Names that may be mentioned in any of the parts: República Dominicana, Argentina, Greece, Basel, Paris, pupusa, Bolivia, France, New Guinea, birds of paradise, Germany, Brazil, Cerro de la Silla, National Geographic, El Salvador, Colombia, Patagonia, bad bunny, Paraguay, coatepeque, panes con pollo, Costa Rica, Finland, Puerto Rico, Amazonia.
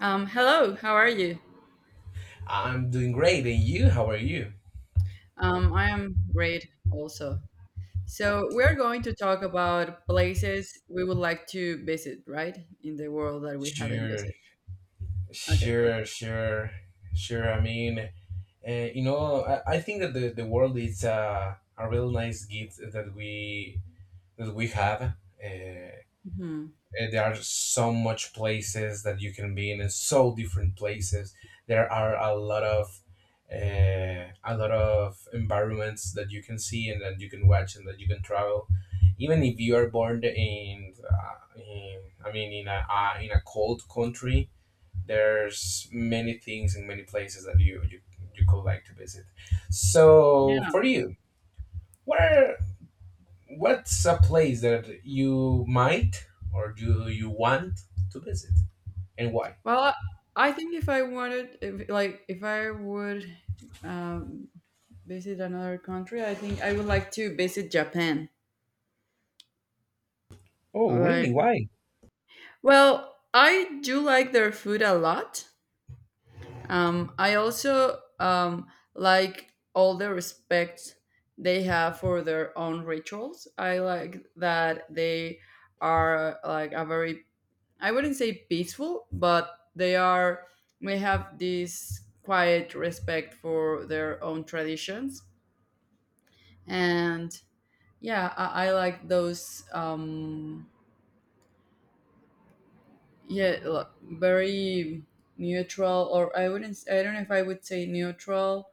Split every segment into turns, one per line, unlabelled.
Hello, how are you?
I'm doing great. And you, how are you?
I am great also. So, we're going to talk about places we would like to visit, right? In the world that we haven't
Sure,
visited. Okay, perfect.
sure, sure, sure. I mean, I think that the world is a real nice gift that we have. Uh,
Hmm.
There are so much places that you can be in, and so different places. There are a lot of environments that you can see and that you can watch and that you can travel. Even if you are born in I mean, in a cold country, there's many things and many places that you could like to visit. So for
Yeah.
you, what are what's a place that you might or do you want to visit and why?
Well, I think if I wanted, if, like, if I would um, visit another country, I think I would like to visit Japan.
Oh, really?
Right.
Why?
Well, I do like their food a lot. I also like all the respect they have for their own rituals. I like that they are like a very, I wouldn't say peaceful, but they are, we have this quiet respect for their own traditions. And yeah, I like those, yeah, very neutral, or I wouldn't, I don't know if I would say neutral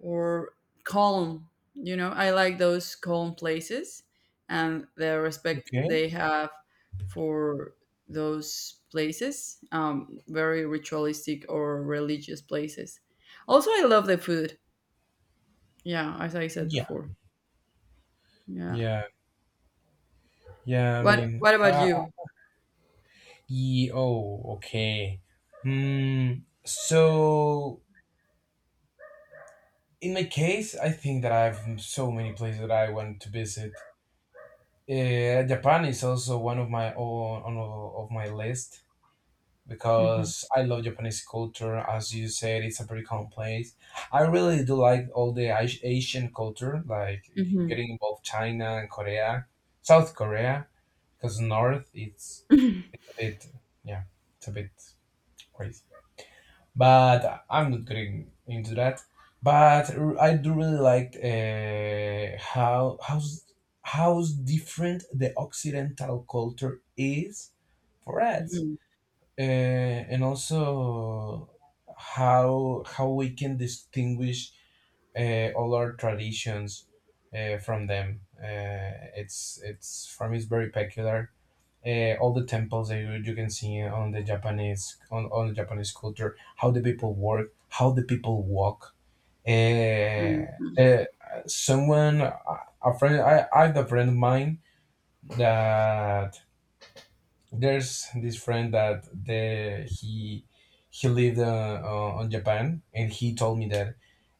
or calm. You know, I like those calm places and the respect
Okay.
they have for those places, very ritualistic or religious places. Also, I love the food. Yeah, as I said
Yeah.
before. Yeah.
Yeah. Yeah. I
What
mean,
What about you?
oh, okay. Hmm. So, in my case, I think that I have so many places that I want to visit. Japan is also one of my on of my list. Because
Mhm,
I love Japanese culture. As you said, it's a very complex. I really do like all the Asian culture, like
mhm,
getting involved China and Korea, South Korea, because North it's a bit, yeah, it's a bit crazy. But I'm not getting into that. But I do really like, how's different the Occidental culture is for us,
mhm,
and also how we can distinguish all our traditions from them. It's for me it's very peculiar. All the temples that you can see on the Japanese culture, how the people work, how the people walk. Uh,
mhm,
uh, someone a friend I have a friend of mine that there's this friend that the he lived on Japan, and he told me that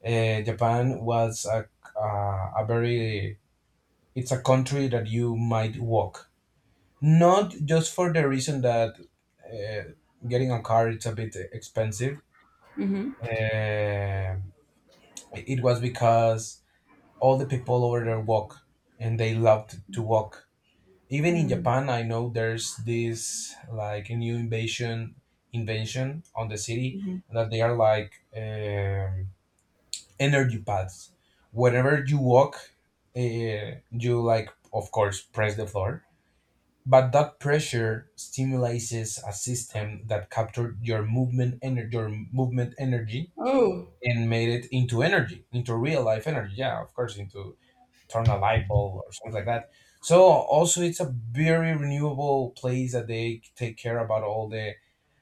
Japan was a very it's a country that you might walk, not just for the reason that uh, getting a car it's a bit expensive.
mhm,
Uh, it was because all the people over there walk, and they loved to walk even in
mhm,
Japan. I know there's this, like, a new invasion invention on the city
mhm.
that they are like, energy pads. Wherever you walk, you, like, of course press the floor, but that pressure stimulates a system that captured your movement energy,
Oh.
and made it into energy, into real life energy. Yeah, of course, into turn a light bulb or something like that. So also it's a very renewable place that they take care about all the,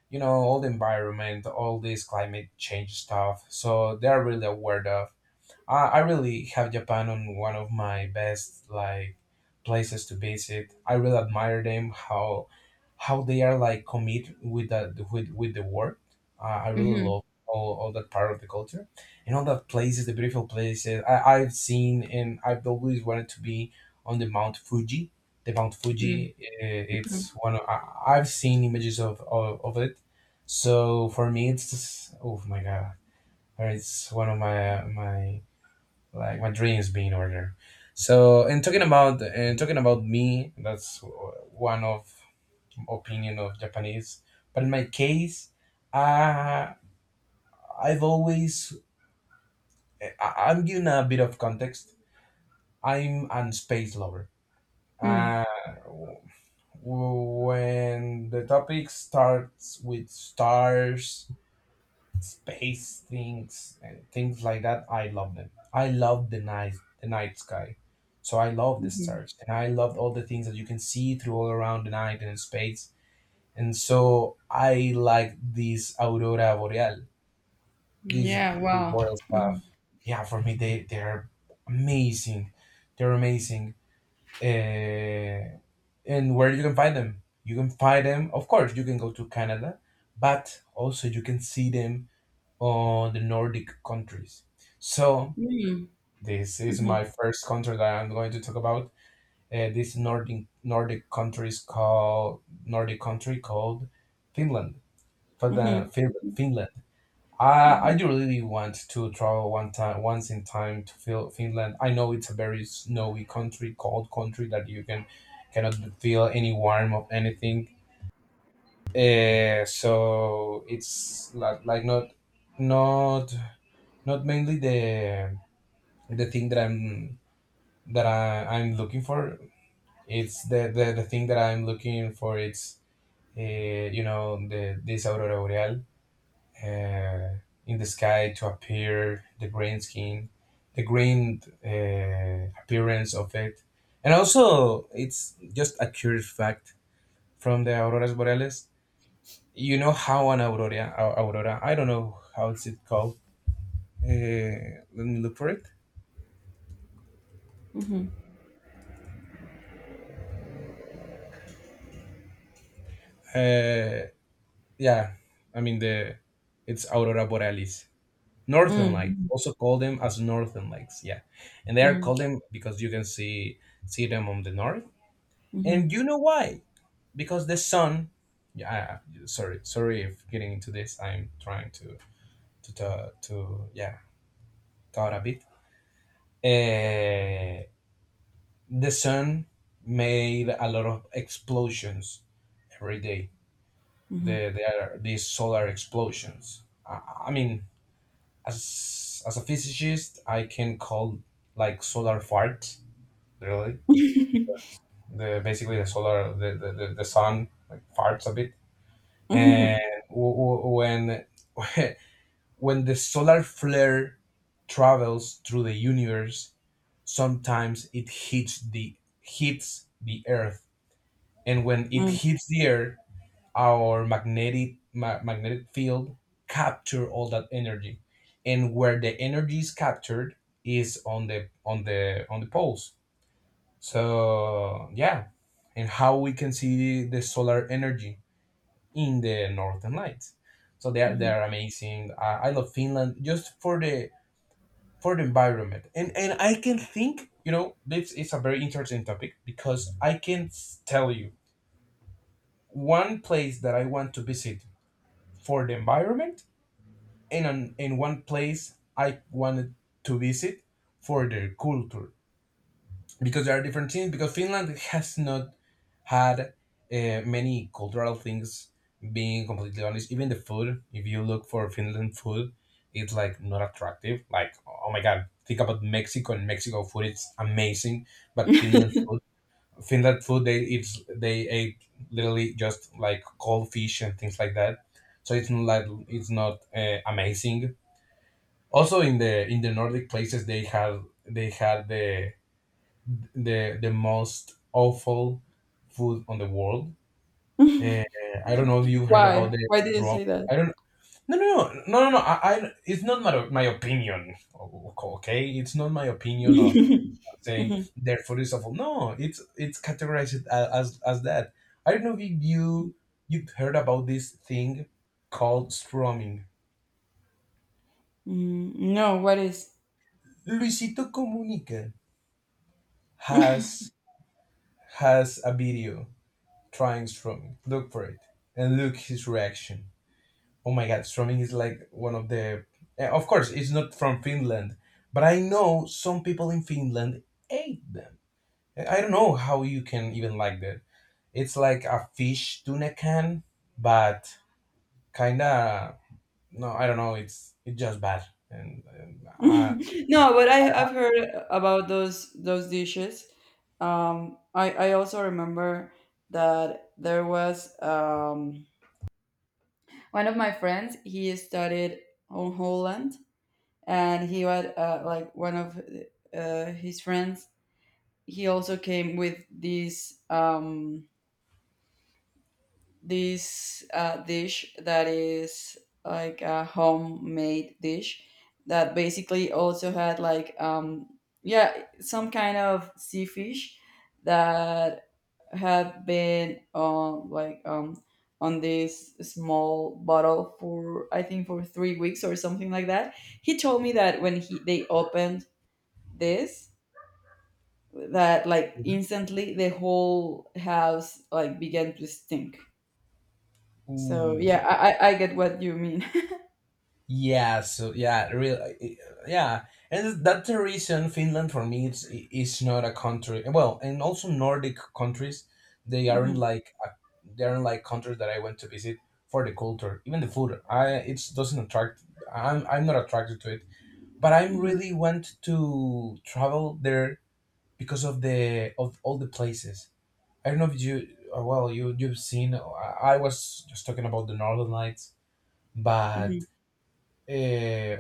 all the environment, all this climate change stuff. So they're really aware of. I really have Japan on one of my best, like, places to visit. I really admire them, how they are like commit with the work. I really
Mhm,
love all that part of the culture and all that places, the beautiful places I've seen and I've always wanted to be on the Mount Fuji. The Mount
mm,
Fuji,
mhm,
it's I've seen images of it. So for me, it's just, oh my God, it's one of my, like, my dreams being ordered. So, and talking about me, that's one of opinion of Japanese. But in my case, uh, I've always I'm giving a bit of context. I'm a space lover.
mm,
Uh, w- when the topic starts with stars, space things and things like that, I love them. I love the night sky. So I love the
mhm.
stars, and I loved all the things that you can see through all around the night and in space. And so I like these aurora boreal, these
Yeah.
these
Wow.
boreal
Mhm,
stuff. Yeah, for me, they're amazing, they're amazing. uh, and where you can find them, of course, you can go to Canada, but also you can see them on the Nordic countries. So
mm,
this is
mhm,
my first country that I'm going to talk about. This Nordic Nordic countries called Nordic country called Finland. For the
mhm,
Finland, I
mhm.
I do really want to travel one time once in time to feel Finland. I know it's a very snowy country, cold country that you cannot feel any warm of anything. So it's like not not mainly the thing that I'm looking for. It's the thing that I'm looking for. It's the this aurora boreal, uh, in the sky to appear the green skin, the green, appearance of it, and also it's just a curious fact from the auroras boreales. You know how an aurora, aurora, I don't know how it's it called. Let me look for it.
Mhm.
Eh, Yeah, I mean the it's aurora borealis, northern lights.
Mm,
Also call them as northern lights. Yeah, and they are
mhm,
called them because you can see them on the north.
mhm,
And you know why? Because the sun. Yeah, sorry if getting into this. I'm trying to, yeah, thought a bit. Uh, the sun made a lot of explosions every day. There are these solar explosions. I, I mean, as a physicist, I can call like solar fart, really, because the basically the solar the sun like farts a bit, and when when the solar flare travels through the universe, sometimes it hits the earth, and when it
mm,
hits the earth, our magnetic magnetic field capture all that energy, and where the energy is captured is on the poles. So yeah, and how we can see the solar energy in the northern lights. So they are they
mhm.
are amazing. I love Finland just for the environment, and I can think, this is a very interesting topic, because I can tell you one place that I want to visit for the environment, in one place I wanted to visit for their culture, because there are different things, because Finland has not had many cultural things, being completely honest. Even the food, if you look for Finland food, it's like not attractive, like, oh my god, think about Mexico, and Mexico food, it's amazing. But Finland food, they ate literally just like cold fish and things like that. So it's not amazing. Also in the Nordic places, they had the most awful food on the world. uh, I don't know if you heard about
Why?
the
Why did you
strong.
say that?
I don't No, no, no, no, no, no, I it's not my opinion, okay, it's not my opinion of saying their food is awful. No, it's categorized as that. I don't know if you've heard about this thing called strumming.
Mm, no, what is?
Luisito Comunica has has a video trying strumming. Look for it and look his reaction. Oh my god, strumming is like one of the. Of course, it's not from Finland, but I know some people in Finland ate them. I don't know how you can even like that. It's like a fish tuna can, but kinda no. I don't know. It's just bad, and
No, but I've heard about those dishes. I also remember that there was one of my friends. He studied on Holland, and he had like one of his friends. He also came with this dish that is like a homemade dish that basically also had like yeah some kind of sea fish that had been on like on this small bottle for I think for 3 weeks or something like that. He told me that when he they opened this that like
Mhm.
instantly the whole house like began to stink. So
Ooh.
yeah, I get what you mean.
Yeah, so yeah, real, yeah, and that's the reason Finland for me it's is not a country. Well, and also Nordic countries, they aren't
Mhm,
like uh, they aren't like countries that I went to visit for the culture, even the food. I It doesn't attract. I'm not attracted to it, but I'm
mhm,
really want to travel there because of all the places. I don't know if you well, you've seen. I was just talking about the Northern Lights, but.
mhm.
Uh,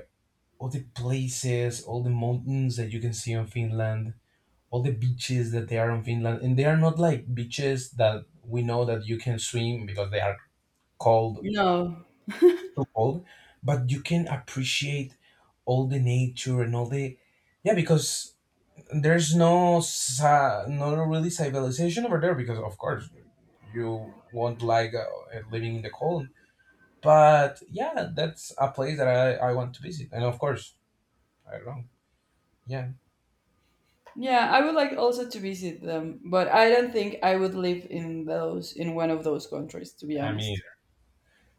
all the places, all the mountains that you can see on Finland, all the beaches that they are on Finland, and they are not like beaches that we know that you can swim because they are cold,
No.
too cold, but you can appreciate all the nature and all the, yeah, because there's no really civilization over there, because of course you won't like, living in the cold. But yeah, that's a place that I want to visit, and of course I don't know, yeah.
Yeah, I would like also to visit them, but I don't think I would live in those in one of those countries, to be
I mean,
honest.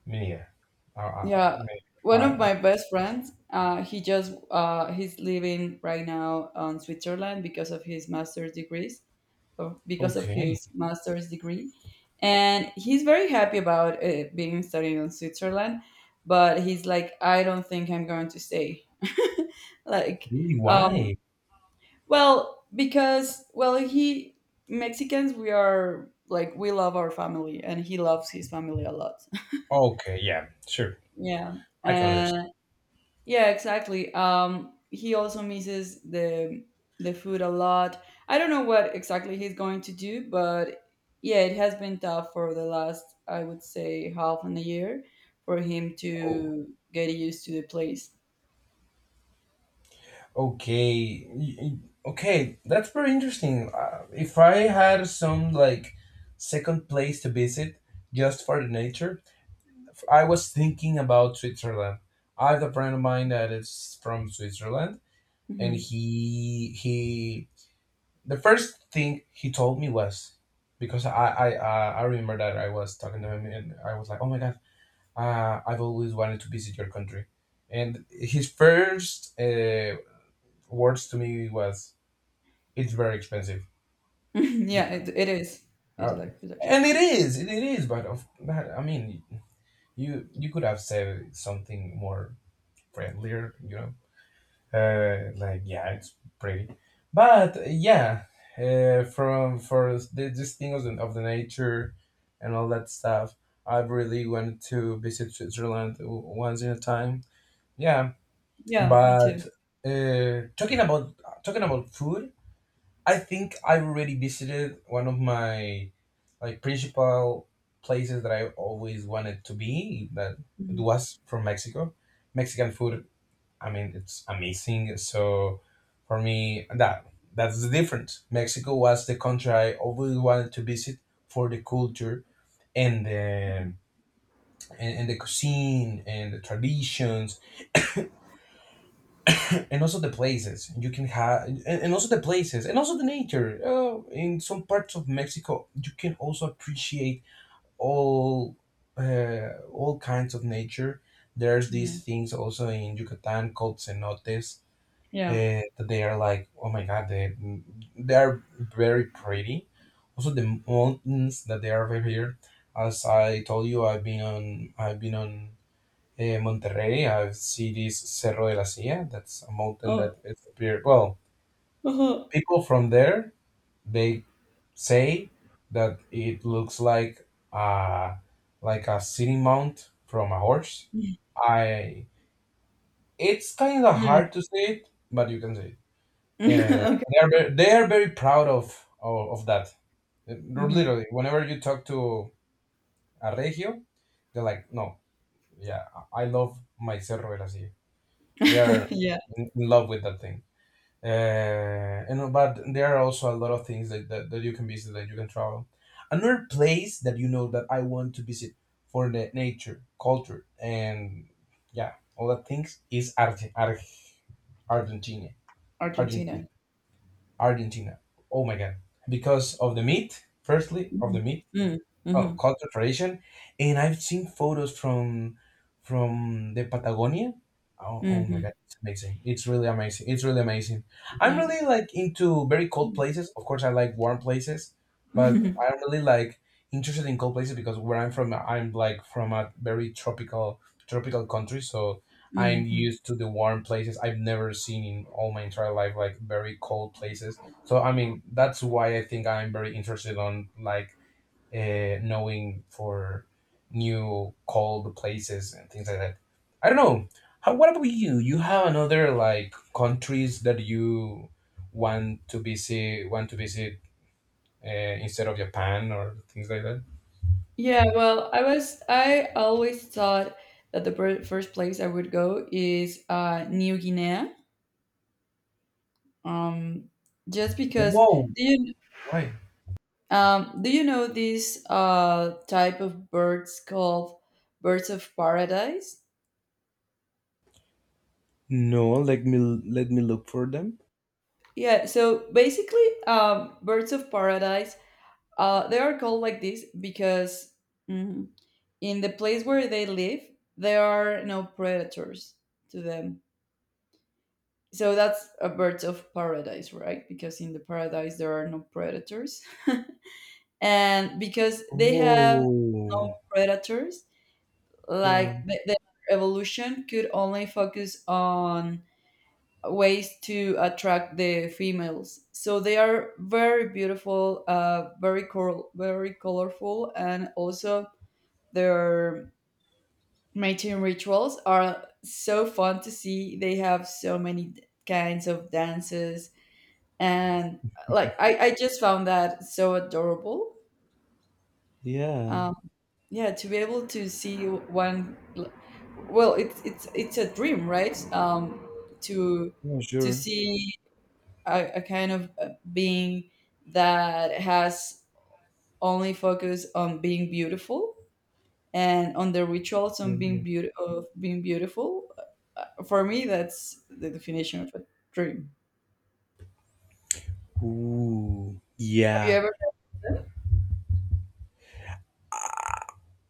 yeah. I
Yeah,
mean,
one of
I,
my best friends, he just he's living right now on Switzerland because of his master's degrees, because of
okay.
his master's degree. And he's very happy about being studying in Switzerland, but he's like, I don't think I'm going to stay. Like,
Really?
um,
Why?
well, because, well, Mexicans, we are like, we love our family, and he loves his family a lot.
Okay. Yeah. Sure.
Yeah.
I can understand.
And yeah, exactly. He also misses the food a lot. I don't know what exactly he's going to do, but yeah, it has been tough for the last, I would say, half an year for him
Oh,
to get used to the place.
okay. Okay. That's very interesting. If I had some, like, second place to visit just for the nature, I was thinking about Switzerland. I have a friend of mine that is from Switzerland, and
Hmm.
he the first thing he told me was because I remember that I was talking to him and I was like, oh my god, I've always wanted to visit your country, and his first words to me was, "it's very expensive
Yeah,
because.
it is. It
Uh,
is like it
and it
actually is.
is, it is, I mean, you could have said something more friendlier, like, yeah, it's pretty, but yeah. This thing of the nature and all that stuff, I really wanted to visit Switzerland once in a time, yeah.
Yeah, me
But
too.
uh, talking about talking about food, I think I already visited one of my like principal places that I always wanted to be, that it
Mhm,
was from Mexico, Mexican food. I mean, it's amazing. So for me, that's the difference. Mexico was the country I always wanted to visit for the culture and
mhm.
and the cuisine and the traditions, and also the places you can have and also the nature. Oh, in some parts of Mexico, you can also appreciate all all kinds of nature. There's
Yeah.
these things also in Yucatan called cenotes
Yeah.
uh, that they are like, oh my god, they are very pretty. Also, the mountains that they are over here, as I told you, I've been on Monterrey. I've seen this Cerro de la Silla. That's a mountain that
Oh.
it's appear. Well,
Uh-huh.
people from there, they say that it looks like a sitting mount from a horse. I It's kind of
Mhm.
hard to see it, but you can see it. Uh,
Okay.
they are very, they are very proud of, of that. Uh,
Mhm.
Literally, whenever you talk to a regio, they're like, "No, yeah, I love my Cerro del Así." They are
Yeah.
in love with that thing. And but there are also a lot of things that you can visit, that you can travel. Another place that, you know, that I want to visit for the nature, culture, and yeah, all that things is Argentina. Argentina.
Argentina.
Argentina. Oh my god. Because of the meat, firstly, of
Mm-hmm.
the meat,
Mm-hmm.
oh,
Mm-hmm.
cultural tradition. And I've seen photos from the Patagonia. Oh, oh my
Mm-hmm.
God, it's amazing! It's really amazing. It's really amazing. I'm
Yeah.
really like into very cold places. Of course, I like warm places, but
Mhm.
I'm really like interested in cold places because where I'm from, I'm like from a very tropical country, so I'm
Mhm.
used to the warm places. I've never seen in all my entire life like very cold places. So I mean, that's why I think I'm very interested on like knowing for new cold places and things like that. I don't know. How, what about you? You have another like countries that you want to visit uh, instead of Japan or things like that?
Yeah, well, I always thought that the first place I would go is New Guinea. Um, just because
Whoa.
do you
Why?
do you know these type of birds called birds of paradise?
No, let me look for them.
Yeah, so basically, birds of paradise, they are called like this because mm, in the place where they live, there are no predators to them. So that's a birds of paradise, right? Because in the paradise there are no predators. And because they have
Oh,
no predators,
yeah,
like the evolution could only focus on ways to attract the females. So they are very beautiful, very very colorful, and also their mating rituals are so fun to see. They have so many kinds of dances, and like I just found that so adorable.
yeah,
um, yeah, to be able to see one, well, it's a dream, right? To
yeah,
to
sure.
see a kind of being that has only focus on being beautiful and on the rituals
Yeah,
on being
yeah.
beauty of being beautiful. For me that's the definition of a dream.
Ooh,
Have you
yeah.
ever...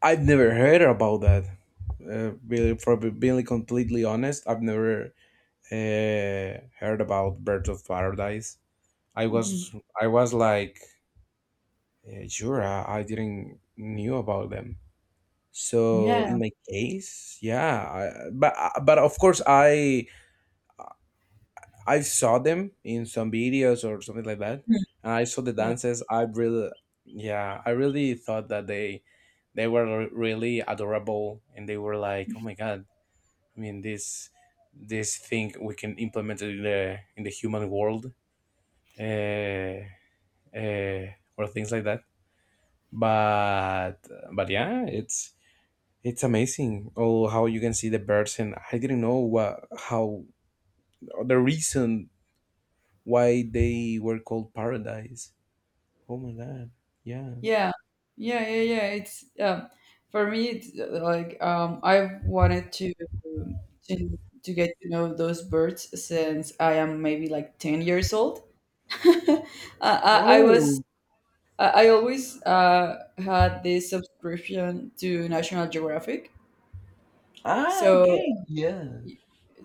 I've never heard about that. Really, for being completely honest, I've never heard about Birds of Paradise. I was,
Mhm.
I was like, sure, I didn't knew about them. So
Yeah.
in my case, yeah, but of course, I saw them in some videos or something like that, and I saw the
Yeah.
dances. Yeah, I really thought that they were really adorable, and they were like, oh my god, I mean, this thing we can implement it in the human world, uh, uh, or things like that. But but yeah, it's amazing. Oh, how you can see the birds, and I didn't know what how the reason why they were called paradise. Oh my god! Yeah,
Yeah, yeah, yeah, yeah. It's for me. It's like I've wanted to get to know those birds since I am maybe like 10 years old. I, I was
oh,
I always had this subscription to National Geographic,
ah,
so
okay, yeah,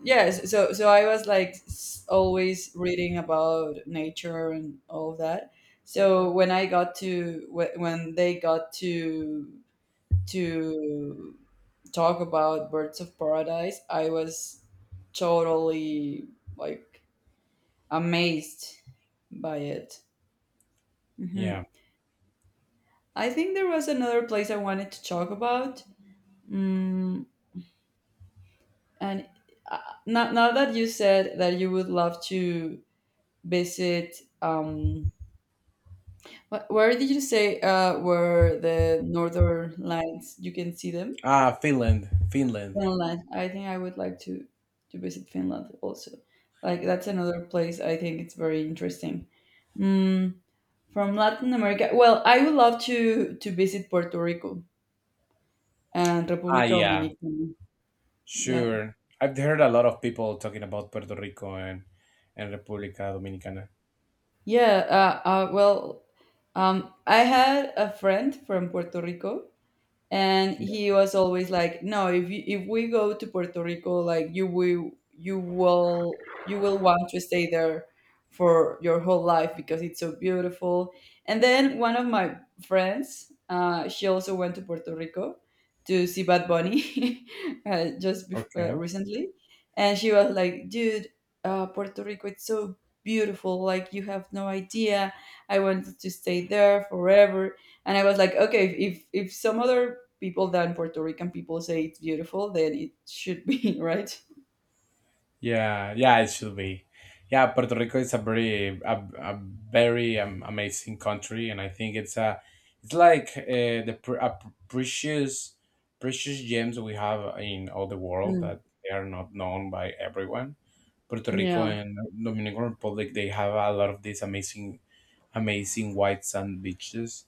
yes, so I was like always reading about nature and all that. So when they got to talk about Birds of Paradise, I was totally like amazed by it. Hmm.
yeah.
I think there was another place I wanted to talk about, mm, and uh, now that you said that you would love to visit, um, where did you say were the northern lights? You can see them.
Ah, Finland, Finland.
Finland. I think I would like to visit Finland also. Like, that's another place. I think it's very interesting. Mm, from Latin America, well, I would love to visit Puerto Rico and
Ah,
República
yeah.
Dominicana. Yeah,
Sure. I've heard a lot of people talking about Puerto Rico and República Dominicana.
yeah. Well, I had a friend from Puerto Rico and he
Yeah.
was always like, no, if we go to Puerto Rico, like, you will want to stay there for your whole life because it's so beautiful. And then one of my friends, she also went to Puerto Rico to see Bad Bunny, just
Okay.
recently. And she was like, dude, Puerto Rico, it's so beautiful, like you have no idea. I wanted to stay there forever. And I was like, okay, if some other people than Puerto Rican people say it's beautiful, then it should be, right?
Yeah, yeah, it should be. Yeah, Puerto Rico is a a very amazing country, and I think it's a it's like the pr- a precious precious gems we have in all the world
Mm.
that they are not known by everyone. Puerto Rico
Yeah.
and Dominican Republic, they have a lot of these amazing white sand beaches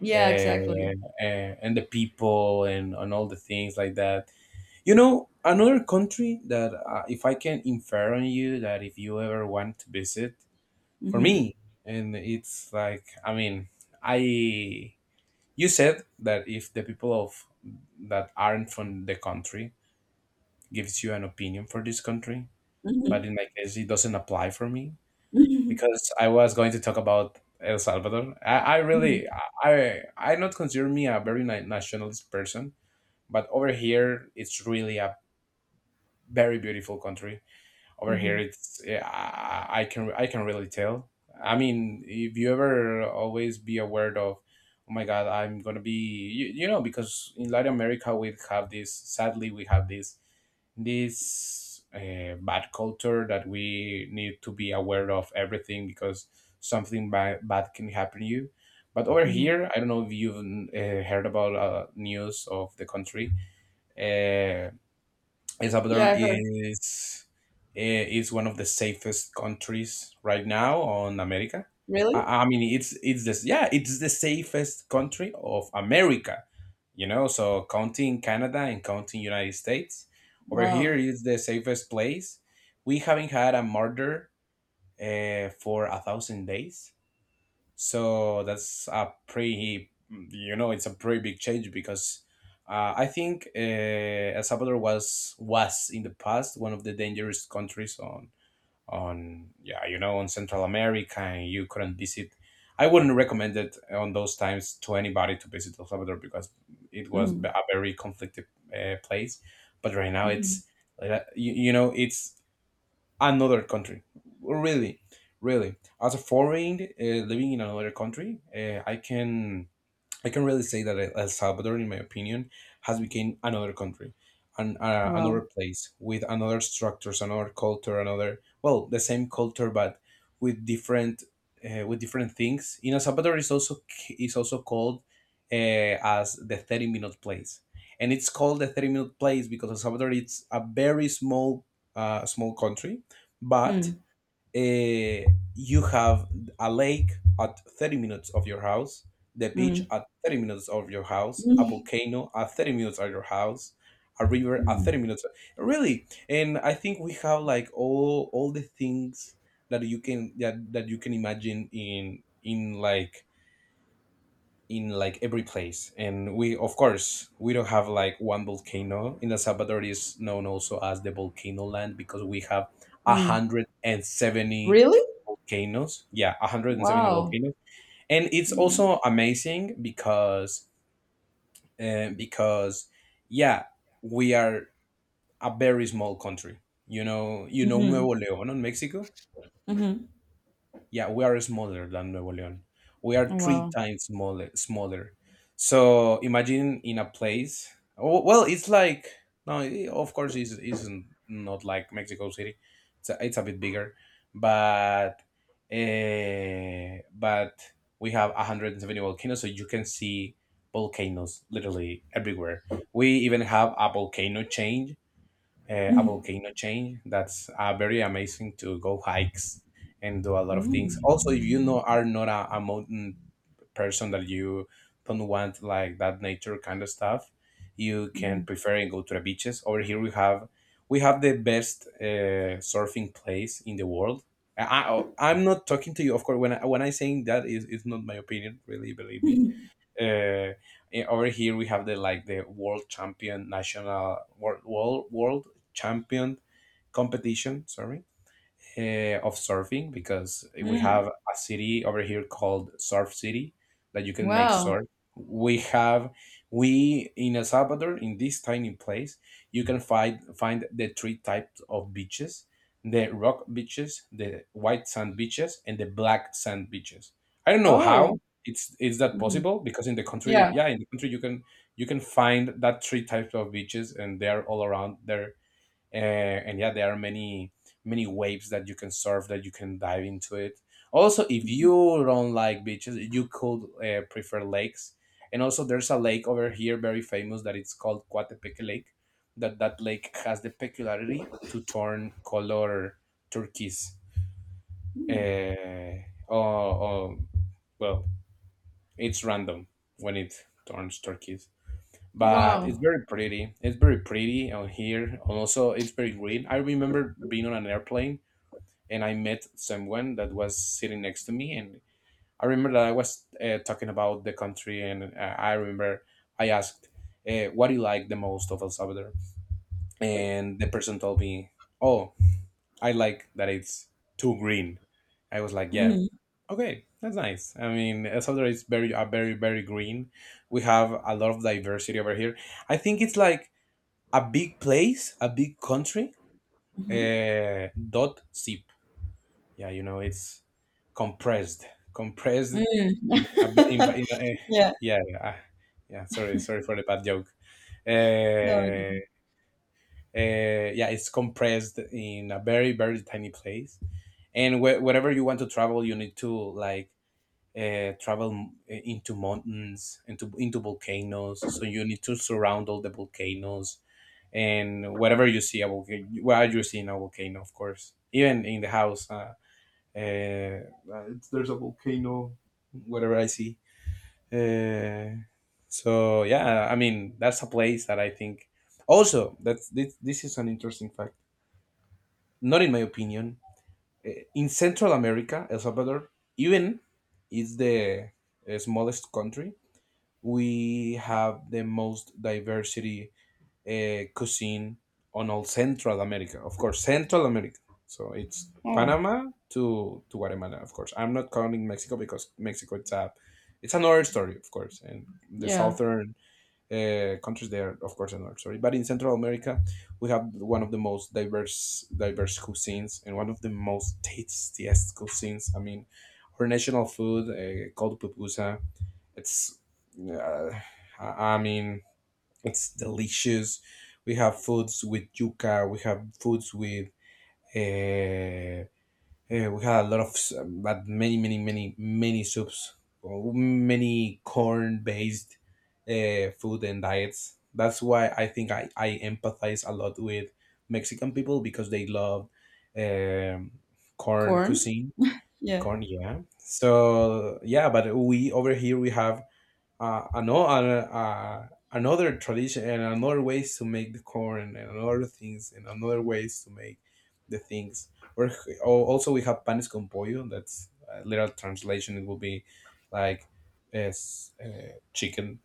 Yeah, exactly.
and the people and all the things like that. You know, another country that, if I can infer on you that, if you ever want to visit, for
Hmm.
me, and it's like, I mean, I, you said that if the people of that aren't from the country gives you an opinion for this country, but
Hmm.
in my case, it doesn't apply for me
Hmm.
because I was going to talk about El Salvador. I really, I not consider me a very nationalist person, but over here it's really a very beautiful country. Over here
Hmm.
it's yeah, I can really tell. I mean, if you ever always be aware of, oh my God, I'm gonna be you, you know, because in Latin America we have this. Sadly, we have this this bad culture that we need to be aware of everything because something bad can happen to you. But over
Hmm.
here, I don't know if you've heard about news of the country. Uh, El
Yeah,
Salvador
I've heard.
is is one of the safest countries right now on America. I,
Really?
I mean, it's this yeah, it's the safest country of America. You know, so counting Canada and counting United States, over here
Wow.
is the safest place. We haven't had a murder for a thousand days. So that's a pretty, you know, it's a pretty big change because I think El Salvador was in the past one of the dangerous countries on yeah, you know, on Central America, and you couldn't visit. I wouldn't recommend it on those times to anybody to visit El Salvador because it was a
Hmm.
very conflicted place. But right now
Hmm.
it's you, you know, it's another country. Really, really. As a foreign living in another country, I can really say that El Salvador, in my opinion, has become another country, and another
Wow.
place with another structures, another culture, another, well, the same culture but with different with different things. You know, Salvador is also called, as the 30 minute place, and it's called the 30 minute place because El Salvador it's a very small small country, but
Mm.
uh, you have a lake at 30 minutes of your house, the beach
Mm.
at 30 minutes of your house, a
Mm.
volcano at 30 minutes of your house, a river at
Mm.
30 minutes. Really, and I think we have like all the things that you can that you can imagine in in like every place, and we, of course, we don't have like one volcano. In El Salvador, is known also as the volcano land because we have
Mm.
170
Really?
volcanoes, yeah, 170
Wow.
volcanoes, and it's
You know.
also amazing because yeah we are a very small country. You know, you know
Hmm.
Nuevo Leon in Mexico.
Hmm.
Yeah, we are smaller than Nuevo León. We are three
Wow.
times smaller. Smaller. So imagine in a place. Oh, well, it's like no. Of course, it's isn't not like Mexico City. It's a bit bigger, but uh, but we have 170 volcanoes, so you can see volcanoes literally everywhere. We even have a volcano chain That's very amazing to go hikes and do a lot of things.
Mm.
Also, if you know are not a, a mountain person that you don't want like that nature kind of stuff, you can
Hmm.
prefer and go to the beaches. Over here we have the best surfing place in the world. I, I I'm not talking to you, of course. When I saying that is it's not my opinion, really. Believe me, uh, over here we have the like the world champion world champion competition, sorry, of surfing because we
Mm.
have a city over here called Surf City that you can make
Wow.
surf. We have we in El Salvador in this tiny place you can find the three types of beaches: the rock beaches, the white sand beaches, and the black sand beaches. I don't know
Oh.
how it's is that
Hmm.
possible because in the country,
Yeah.
yeah, in the country you can find that three types of beaches and they're all around there and yeah there are many many waves that you can surf, that you can dive into it. Also, if
Mhm.
you don't like beaches, you could prefer lakes. And also there's a lake over here, very famous, that it's called Coatepeque Lake. That lake has the peculiarity to turn color turquoise. uh, oh, oh, well, it's random when it turns turquoise, but it's
Wow.
very pretty. It's very pretty on here. And also, it's very green. I remember being on an airplane and I met someone that was sitting next to me, and I remember that I was talking about the country, and I remember I asked, "What do you like the most of El Salvador?" And the person told me, "Oh, I like that it's too green." I was like, "Yeah,
Mm-hmm.
okay, that's nice." I mean, El Salvador is very, very, very green. We have a lot of diversity over here. I think it's like a big place, a big country.
Mm-hmm.
Dot zip. Yeah, you know, it's compressed, compressed
Mm.
in, a, in, in a,
Yeah.
yeah, yeah, ah, yeah. Sorry, sorry for the bad joke.
No, I
Uh,
didn't.
yeah, it's compressed in a very very tiny place. And wherever you want to travel, you need to like travel into mountains, into volcanoes. So you need to surround all the volcanoes, and whatever you see a volcano, well, you see in a volcano, of course, even in the house, it's, there's a volcano. Whatever I see, uh, so yeah, I mean, that's a place that I think. Also, that's this is an interesting fact. Not in my opinion, in Central America, El Salvador, even is the smallest country, we have the most diversity cuisine on all Central America. Of course, Central America. So it's
Oh,
Panama to Guatemala. Of course, I'm not counting Mexico because Mexico, it's a, it's another story, of course. And the
yeah.
southern countries there, of course, another story. But in Central America, we have one of the most diverse cuisines and one of the most tastiest cuisines. I mean, our national food called pupusa. It's uh, I I mean, it's delicious. We have foods with yuca. We have foods with. Uh, we had a lot of but many soups, or many corn-based food and diets. That's why I think I empathize a lot with Mexican people because they love um, corn
Corn?
cuisine.
Yeah.
Corn, yeah. So yeah, but we over here we have another tradition and another ways to make the corn and another things and another ways to make the things. Or or also we have panes con pollo. That's a literal translation. It will be like as chicken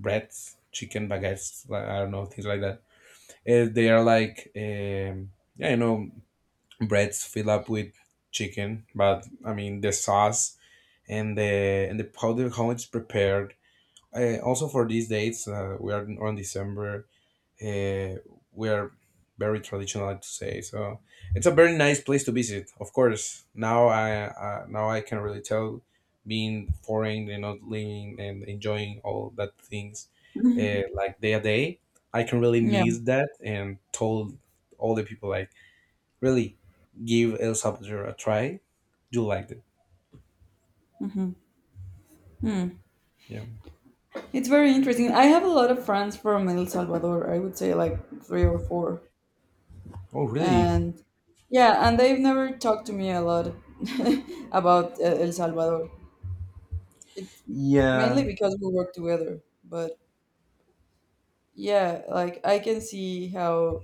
breads, chicken baguettes, like, I don't know, things like that. They are like yeah, you know, breads filled up with chicken, but I mean the sauce and the powder how it's prepared. Also for these dates we are on December. uh, we are very traditional, to say so. It's a very nice place to visit. Of course, now I now I can really tell, being foreign and not living and enjoying all that things like day a day. I can really
Yeah.
miss that and told all the people, like, really, give El Salvador a try. You liked it? Yeah.
It's very interesting. I have a lot of friends from El Salvador. I would say like three or four.
Oh, really?
And yeah, and they've never talked to me a lot about El Salvador. It's mainly
Yeah,
because we work together. But yeah, like I can see how,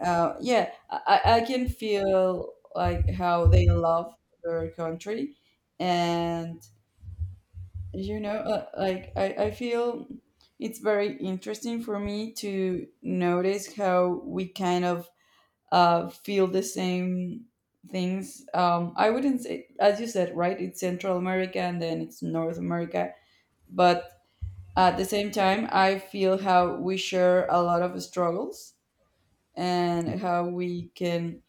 yeah, I can feel like how they love their country. And like I feel it's very interesting for me to notice how we kind of feel the same things. I wouldn't say, as you said, right, it's Central America and then it's North America, but at the same time I feel how we share a lot of struggles
yeah.
and how we can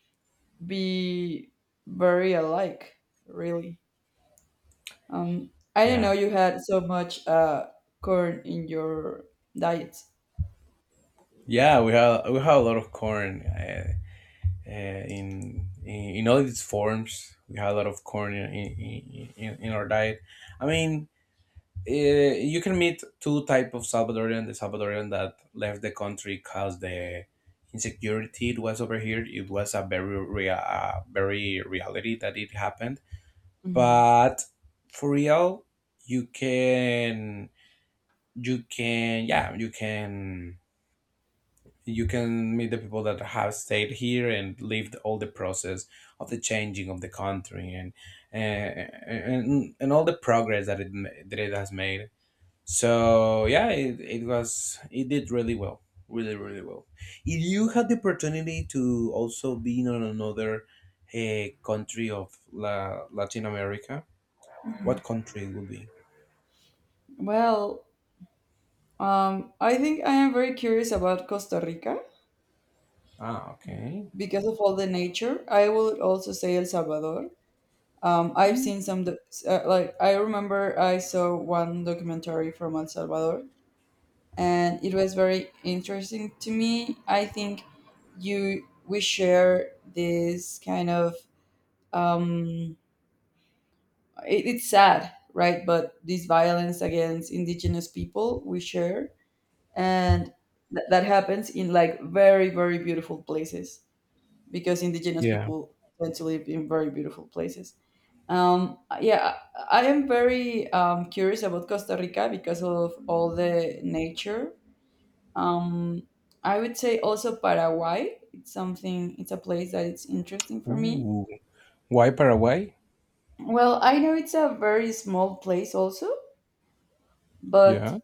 be very alike, really. I didn't know
Yeah.
you had so much corn in your diet.
Yeah, we have, we have a lot of corn in all its forms. We have a lot of corn in our diet. I mean, you can meet two type of Salvadorian: the Salvadorian that left the country because the insecurity it was over here. It was a very very reality that it happened.
Mhm.
But for real, you can you can you can meet the people that have stayed here and lived all the process of the changing of the country, and all the progress that it that it has made. So yeah, it was, it did really well, really really well. If you had the opportunity to also be in another country of Latin America,
Mhm.
what country it would be?
Well, I think I am very curious about Costa Rica
Ah, okay,
because of all the nature. I would also say El Salvador. I've seen like, I remember I saw one documentary from El Salvador and it was very interesting to me. I think you we share this kind of, um, it's sad, right? But this violence against indigenous people we share, and that happens in like very, very beautiful places, because indigenous
yeah.
people tend to live in very beautiful places. Yeah, I am very curious about Costa Rica because of all the nature. Um, I would say also Paraguay. It's something. It's a place that it's interesting for me.
Ooh, why Paraguay?
Well, I know it's a very small place also, but
Yeah.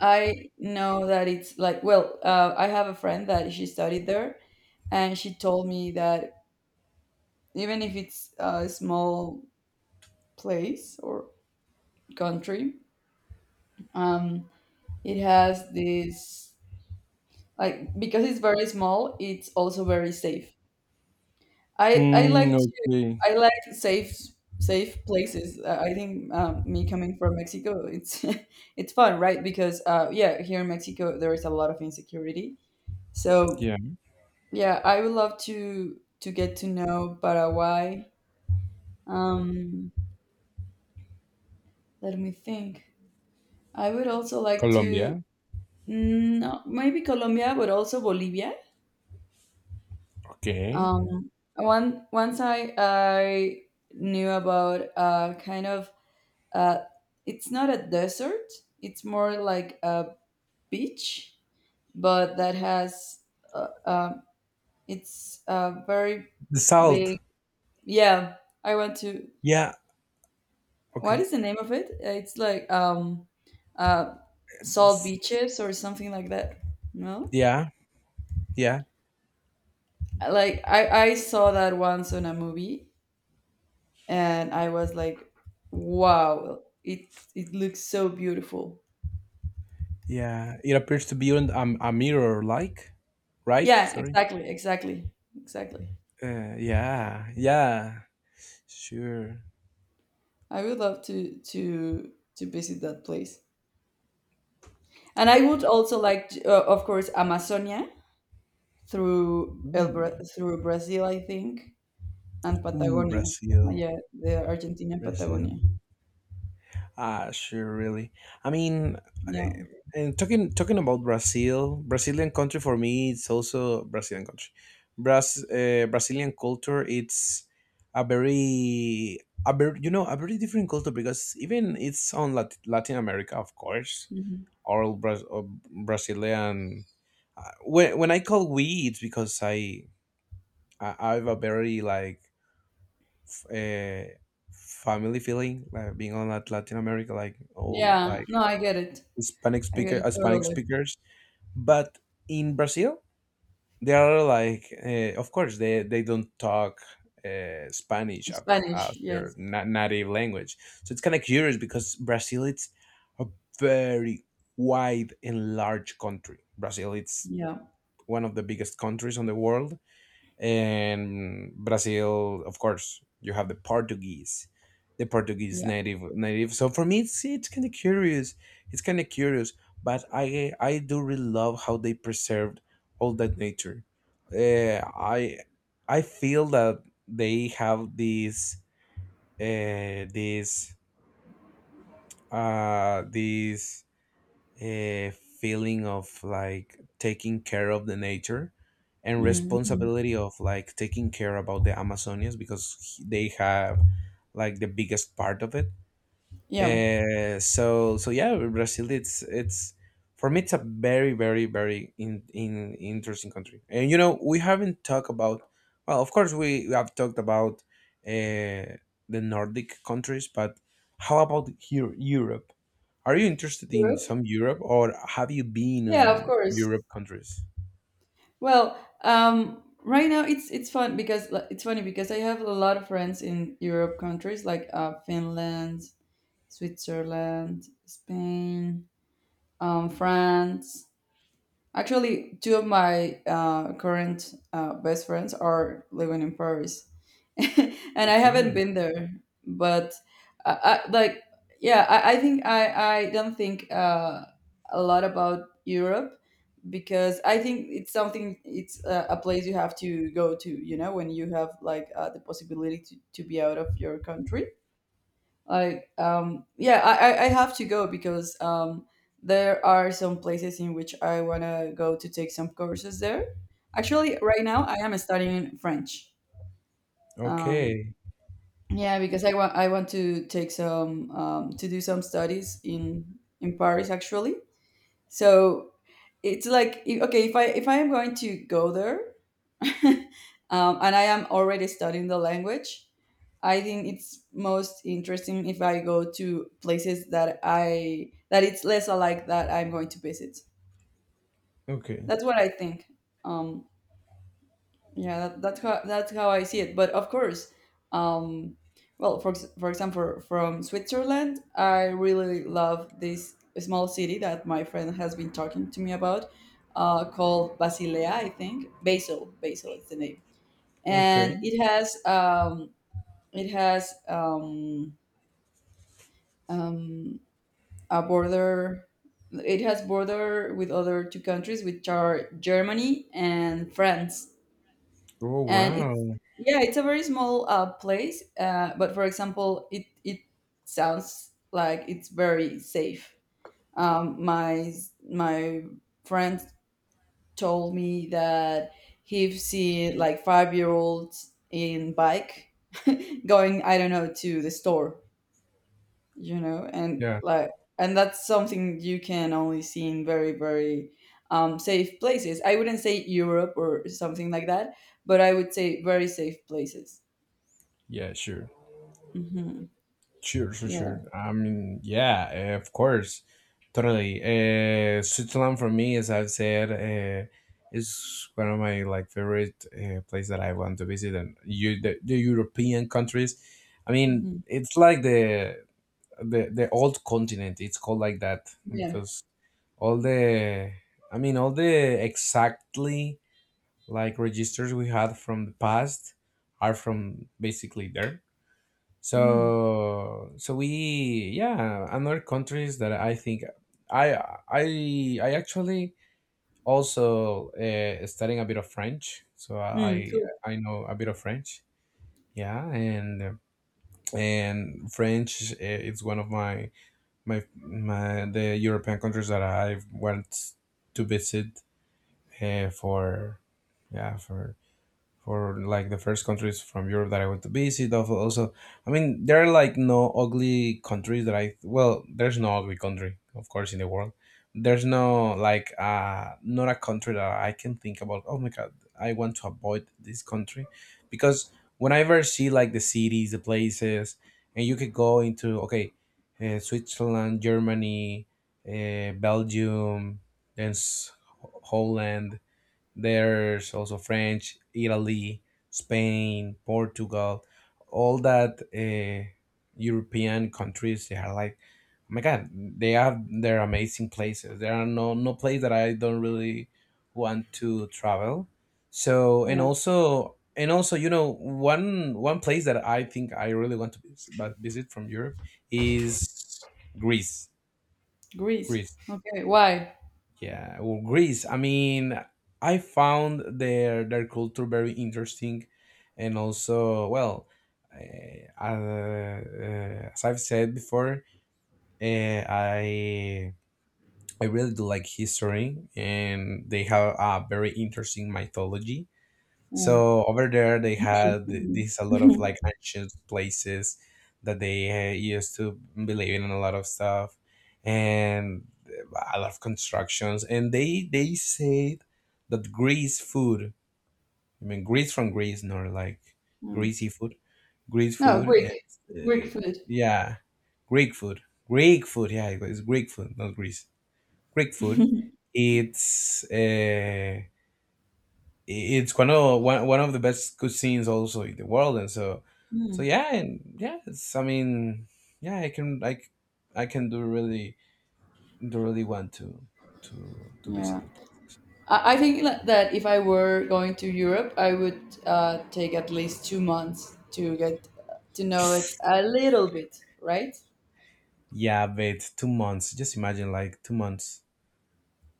I know that it's like, well, I have a friend that she studied there, and she told me that even if it's a small place or country, um, it has this like, because it's very small, it's also very safe. I I
Mm,
like to,
okay.
I like safe places. I think me coming from Mexico, it's it's fun, right? Because yeah, here in Mexico there is a lot of insecurity, so...
Yeah.
Yeah, I would love to get to know Paraguay. Um, Let me think. I would also like to,
Colombia.
no, maybe Colombia, but also Bolivia.
Okay.
Um, one Once I knew about kind of... uh it's not a desert, it's more like a beach, but that has uh, uh, it's a very
The salt.
big, yeah. I want to...
Yeah.
What
Okay.
is the name of it? It's like uh salt
S-,
beaches or something like that. No?
yeah. Yeah.
Like I saw that once on a movie and I was like, wow, it looks so beautiful.
Yeah. It appears to be on a mirror, like, right?
Yeah,
Sorry.
exactly, exactly. Exactly.
Yeah. Yeah. Sure.
I would love to visit that place. And I would also like to, of course Amazonia through
Ooh.
through Brazil, I think, and
Ooh.
Patagonia.
Brazil.
Yeah, the Argentina and
Brazil.
Patagonia.
Ah, sure, really. I mean, eh,
Yeah.
and talking about Brazil, Brazilian country for me, it's also Brazilian country. Brazilian culture, it's a very, a very, you know, a very different culture, because even it's on Latin America, of course,
Mhm.
or, Brazilian. When I call we, it's because I have a very like f- uh, family feeling, like being on Latin America, like all
Yeah.
like
No, I get it.
Hispanic
I get
speaker,
it
Hispanic
totally.
speakers. But in Brazil, they are like, of course, they don't talk Spanish as
Spanish, yes.
their native language. So it's kind of curious, because Brazil it's a very wide and large country. Brazil it's
Yeah.
one of the biggest countries on the world, and Brazil, of course, you have the Portuguese
Yeah.
native. So for me, it's kind of curious. It's kind of curious, but I do really love how they preserved all that nature. Uh, I I feel that they have uh, these these a feeling of like taking care of the nature and
Mhm.
responsibility of like taking care about the Amazonians, because they have like the biggest part of it.
Yeah.
So so yeah, Brazil. It's for me, it's a very very very in interesting country. And you know, we haven't talked about. Well, of course, we have talked about uh, the Nordic countries, but how about here Europe? Are you interested in
Europe?
some Europe, or have you been
Yeah, of
on
course.
Europe countries?
Well, right now it's fun because, like, it's funny because I have a lot of friends in Europe countries like Finland, Switzerland, Spain, France. Actually, two of my current best friends are living in Paris. And I haven't
Okay,
been there, but I, I like yeah, I think I don't think a lot about Europe, because I think it's something, it's a place you have to go to, when you have like the possibility to be out of your country. Like, yeah, I have to go because there are some places in which I wanna go to take some courses there. Actually, right now I am studying French. Um,
okay,
yeah, because I want to take some to do some studies in Paris actually. So it's like, okay, if I am going to go there, and I am already studying the language, I think it's most interesting if I go to places that it's less alike that I'm going to visit.
okay,
That's what I think. Um, yeah, that's how that's how I see it. But of course, um well, for example, from Switzerland, I really love this small city that my friend has been talking to me about, called Basilea, I think Basel is the name.
okay.
And it has um a border. It has border with other two countries, which are Germany and France.
Oh,
And it's
wow!
yeah, it's a very small place, but for example it sounds like it's very safe. um, my my friend told me that he have seen like 5 year olds in bike going, I don't know, to the store, and
Yeah,
like... And that's something you can only see in very, very safe places. I wouldn't say Europe or something like that, but I would say very safe places.
yeah, sure.
Mm-hmm.
Sure, sure,
Yeah.
sure. I mean, yeah, of course, totally. Switzerland for me, as I've said, is one of my like favorite place that I want to visit, and you the European countries. I mean,
Mm-hmm.
it's like the old continent. It's called like that
Yeah.
because all the, I mean, all the exactly like registers we had from the past are from basically there.
Mm-hmm.
So so we yeah another countries that I think I I actually also studying a bit of French. So
Mm, cool.
I know a bit of French. Yeah, and French, it's one of my the European countries that I went to visit for yeah for like the first countries from Europe that I went to visit. Of Also, I mean, there are like no ugly countries that I, well, there's no ugly country, of course, in the world. There's no like, not a country that I can think about, oh my God, I want to avoid this country. Because whenever I see like the cities, the places, and you could go into, okay, Switzerland, Germany, Belgium, then Holland, there's also French, Italy, Spain, Portugal, all that European countries. They are like, oh my God, they have their amazing places. There are no no place that I don't really want to travel. So and
Yeah.
also, and also, you know, one one place that I think I really want to vis- but visit from Europe is Greece.
Greece.
Greece.
Okay. Why?
Yeah, well, Greece. I mean, I found their culture very interesting, and also, well, as I've said before, uh, I I really do like history, and they have a very interesting mythology.
Mm.
So over there, they had these a lot of
Mhm.
like ancient places that they used to believe in and a lot of stuff and a lot of constructions. And they said that Greece food, I mean Greece from Greece, not like
Mm.
greasy food. Greek
No,
food
Greek.
is
Greek food.
yeah, Greek food. Greek food, yeah, it's Greek food, not Greece. Greek food. It's uh, it's one of one of the best cuisines also in the world. And so so
Mm.
yeah, and yeah, it's, I mean, yeah, I can, like, I can, do really, do really want to to visit
Yeah.
those places.
I think that if I were going to Europe, I would take at least 2 months to get to know it a little bit, right?
Yeah, wait, 2 months, just imagine, like, 2 months.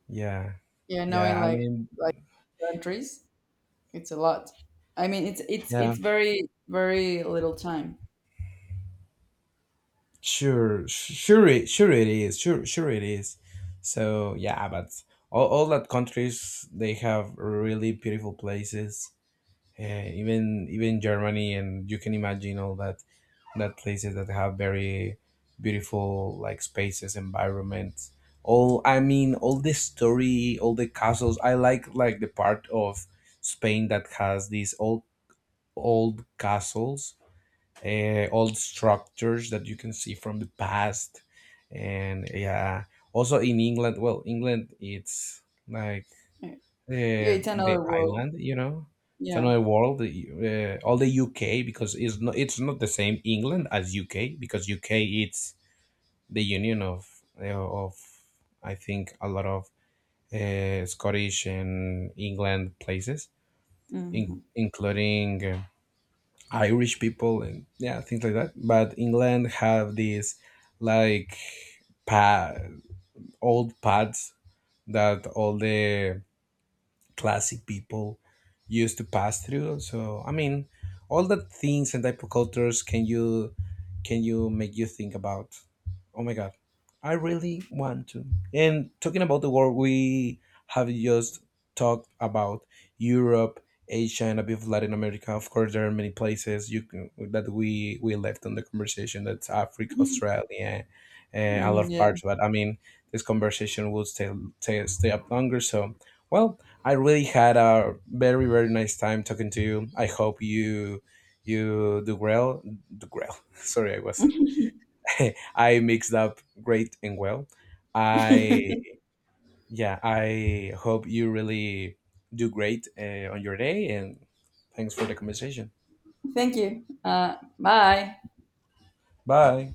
Yeah.
Yeah, knowing
Yeah, I
like
mean,
like countries, it's a lot. I mean, it's it's
yeah,
it's very very little time.
sure, sure it, sure it is, sure, sure it is. So yeah, but all that countries, they have really beautiful places, even even Germany, and you can imagine all that that places that have very beautiful like spaces, environments. All, I mean, all the story, all the castles. I like the part of Spain that has these old castles, old structures that you can see from the past, and yeah. Also in England, well, England it's like
Yeah, yeah,
uh,
it's
the
another world.
island, you know, it's
Yeah.
another world. All the UK, because it's not, it's not the same England as UK, because UK, it's the union of of I think a lot of Scottish and England places, in,
Mhm.
including Irish people and yeah things like that. But England have these like pa- old paths that all the classic people used to pass through. So I mean, all the things and type of cultures can you make you think about? Oh my god, I really want to. And talking about the world, we have just talked about Europe, Asia, and a bit of Latin America. Of course, there are many places you can, that we left on the conversation. That's Africa, Australia, and a lot
Mm,
of
yeah.
parts. But I mean, this conversation will stay stay up longer. So, well, I really had a very very nice time talking to you. I hope you you do well. Do well. Sorry, I was I mixed up great and well. I, yeah. I hope you really do great on your day, and thanks for the conversation.
Thank you. Bye.
Bye.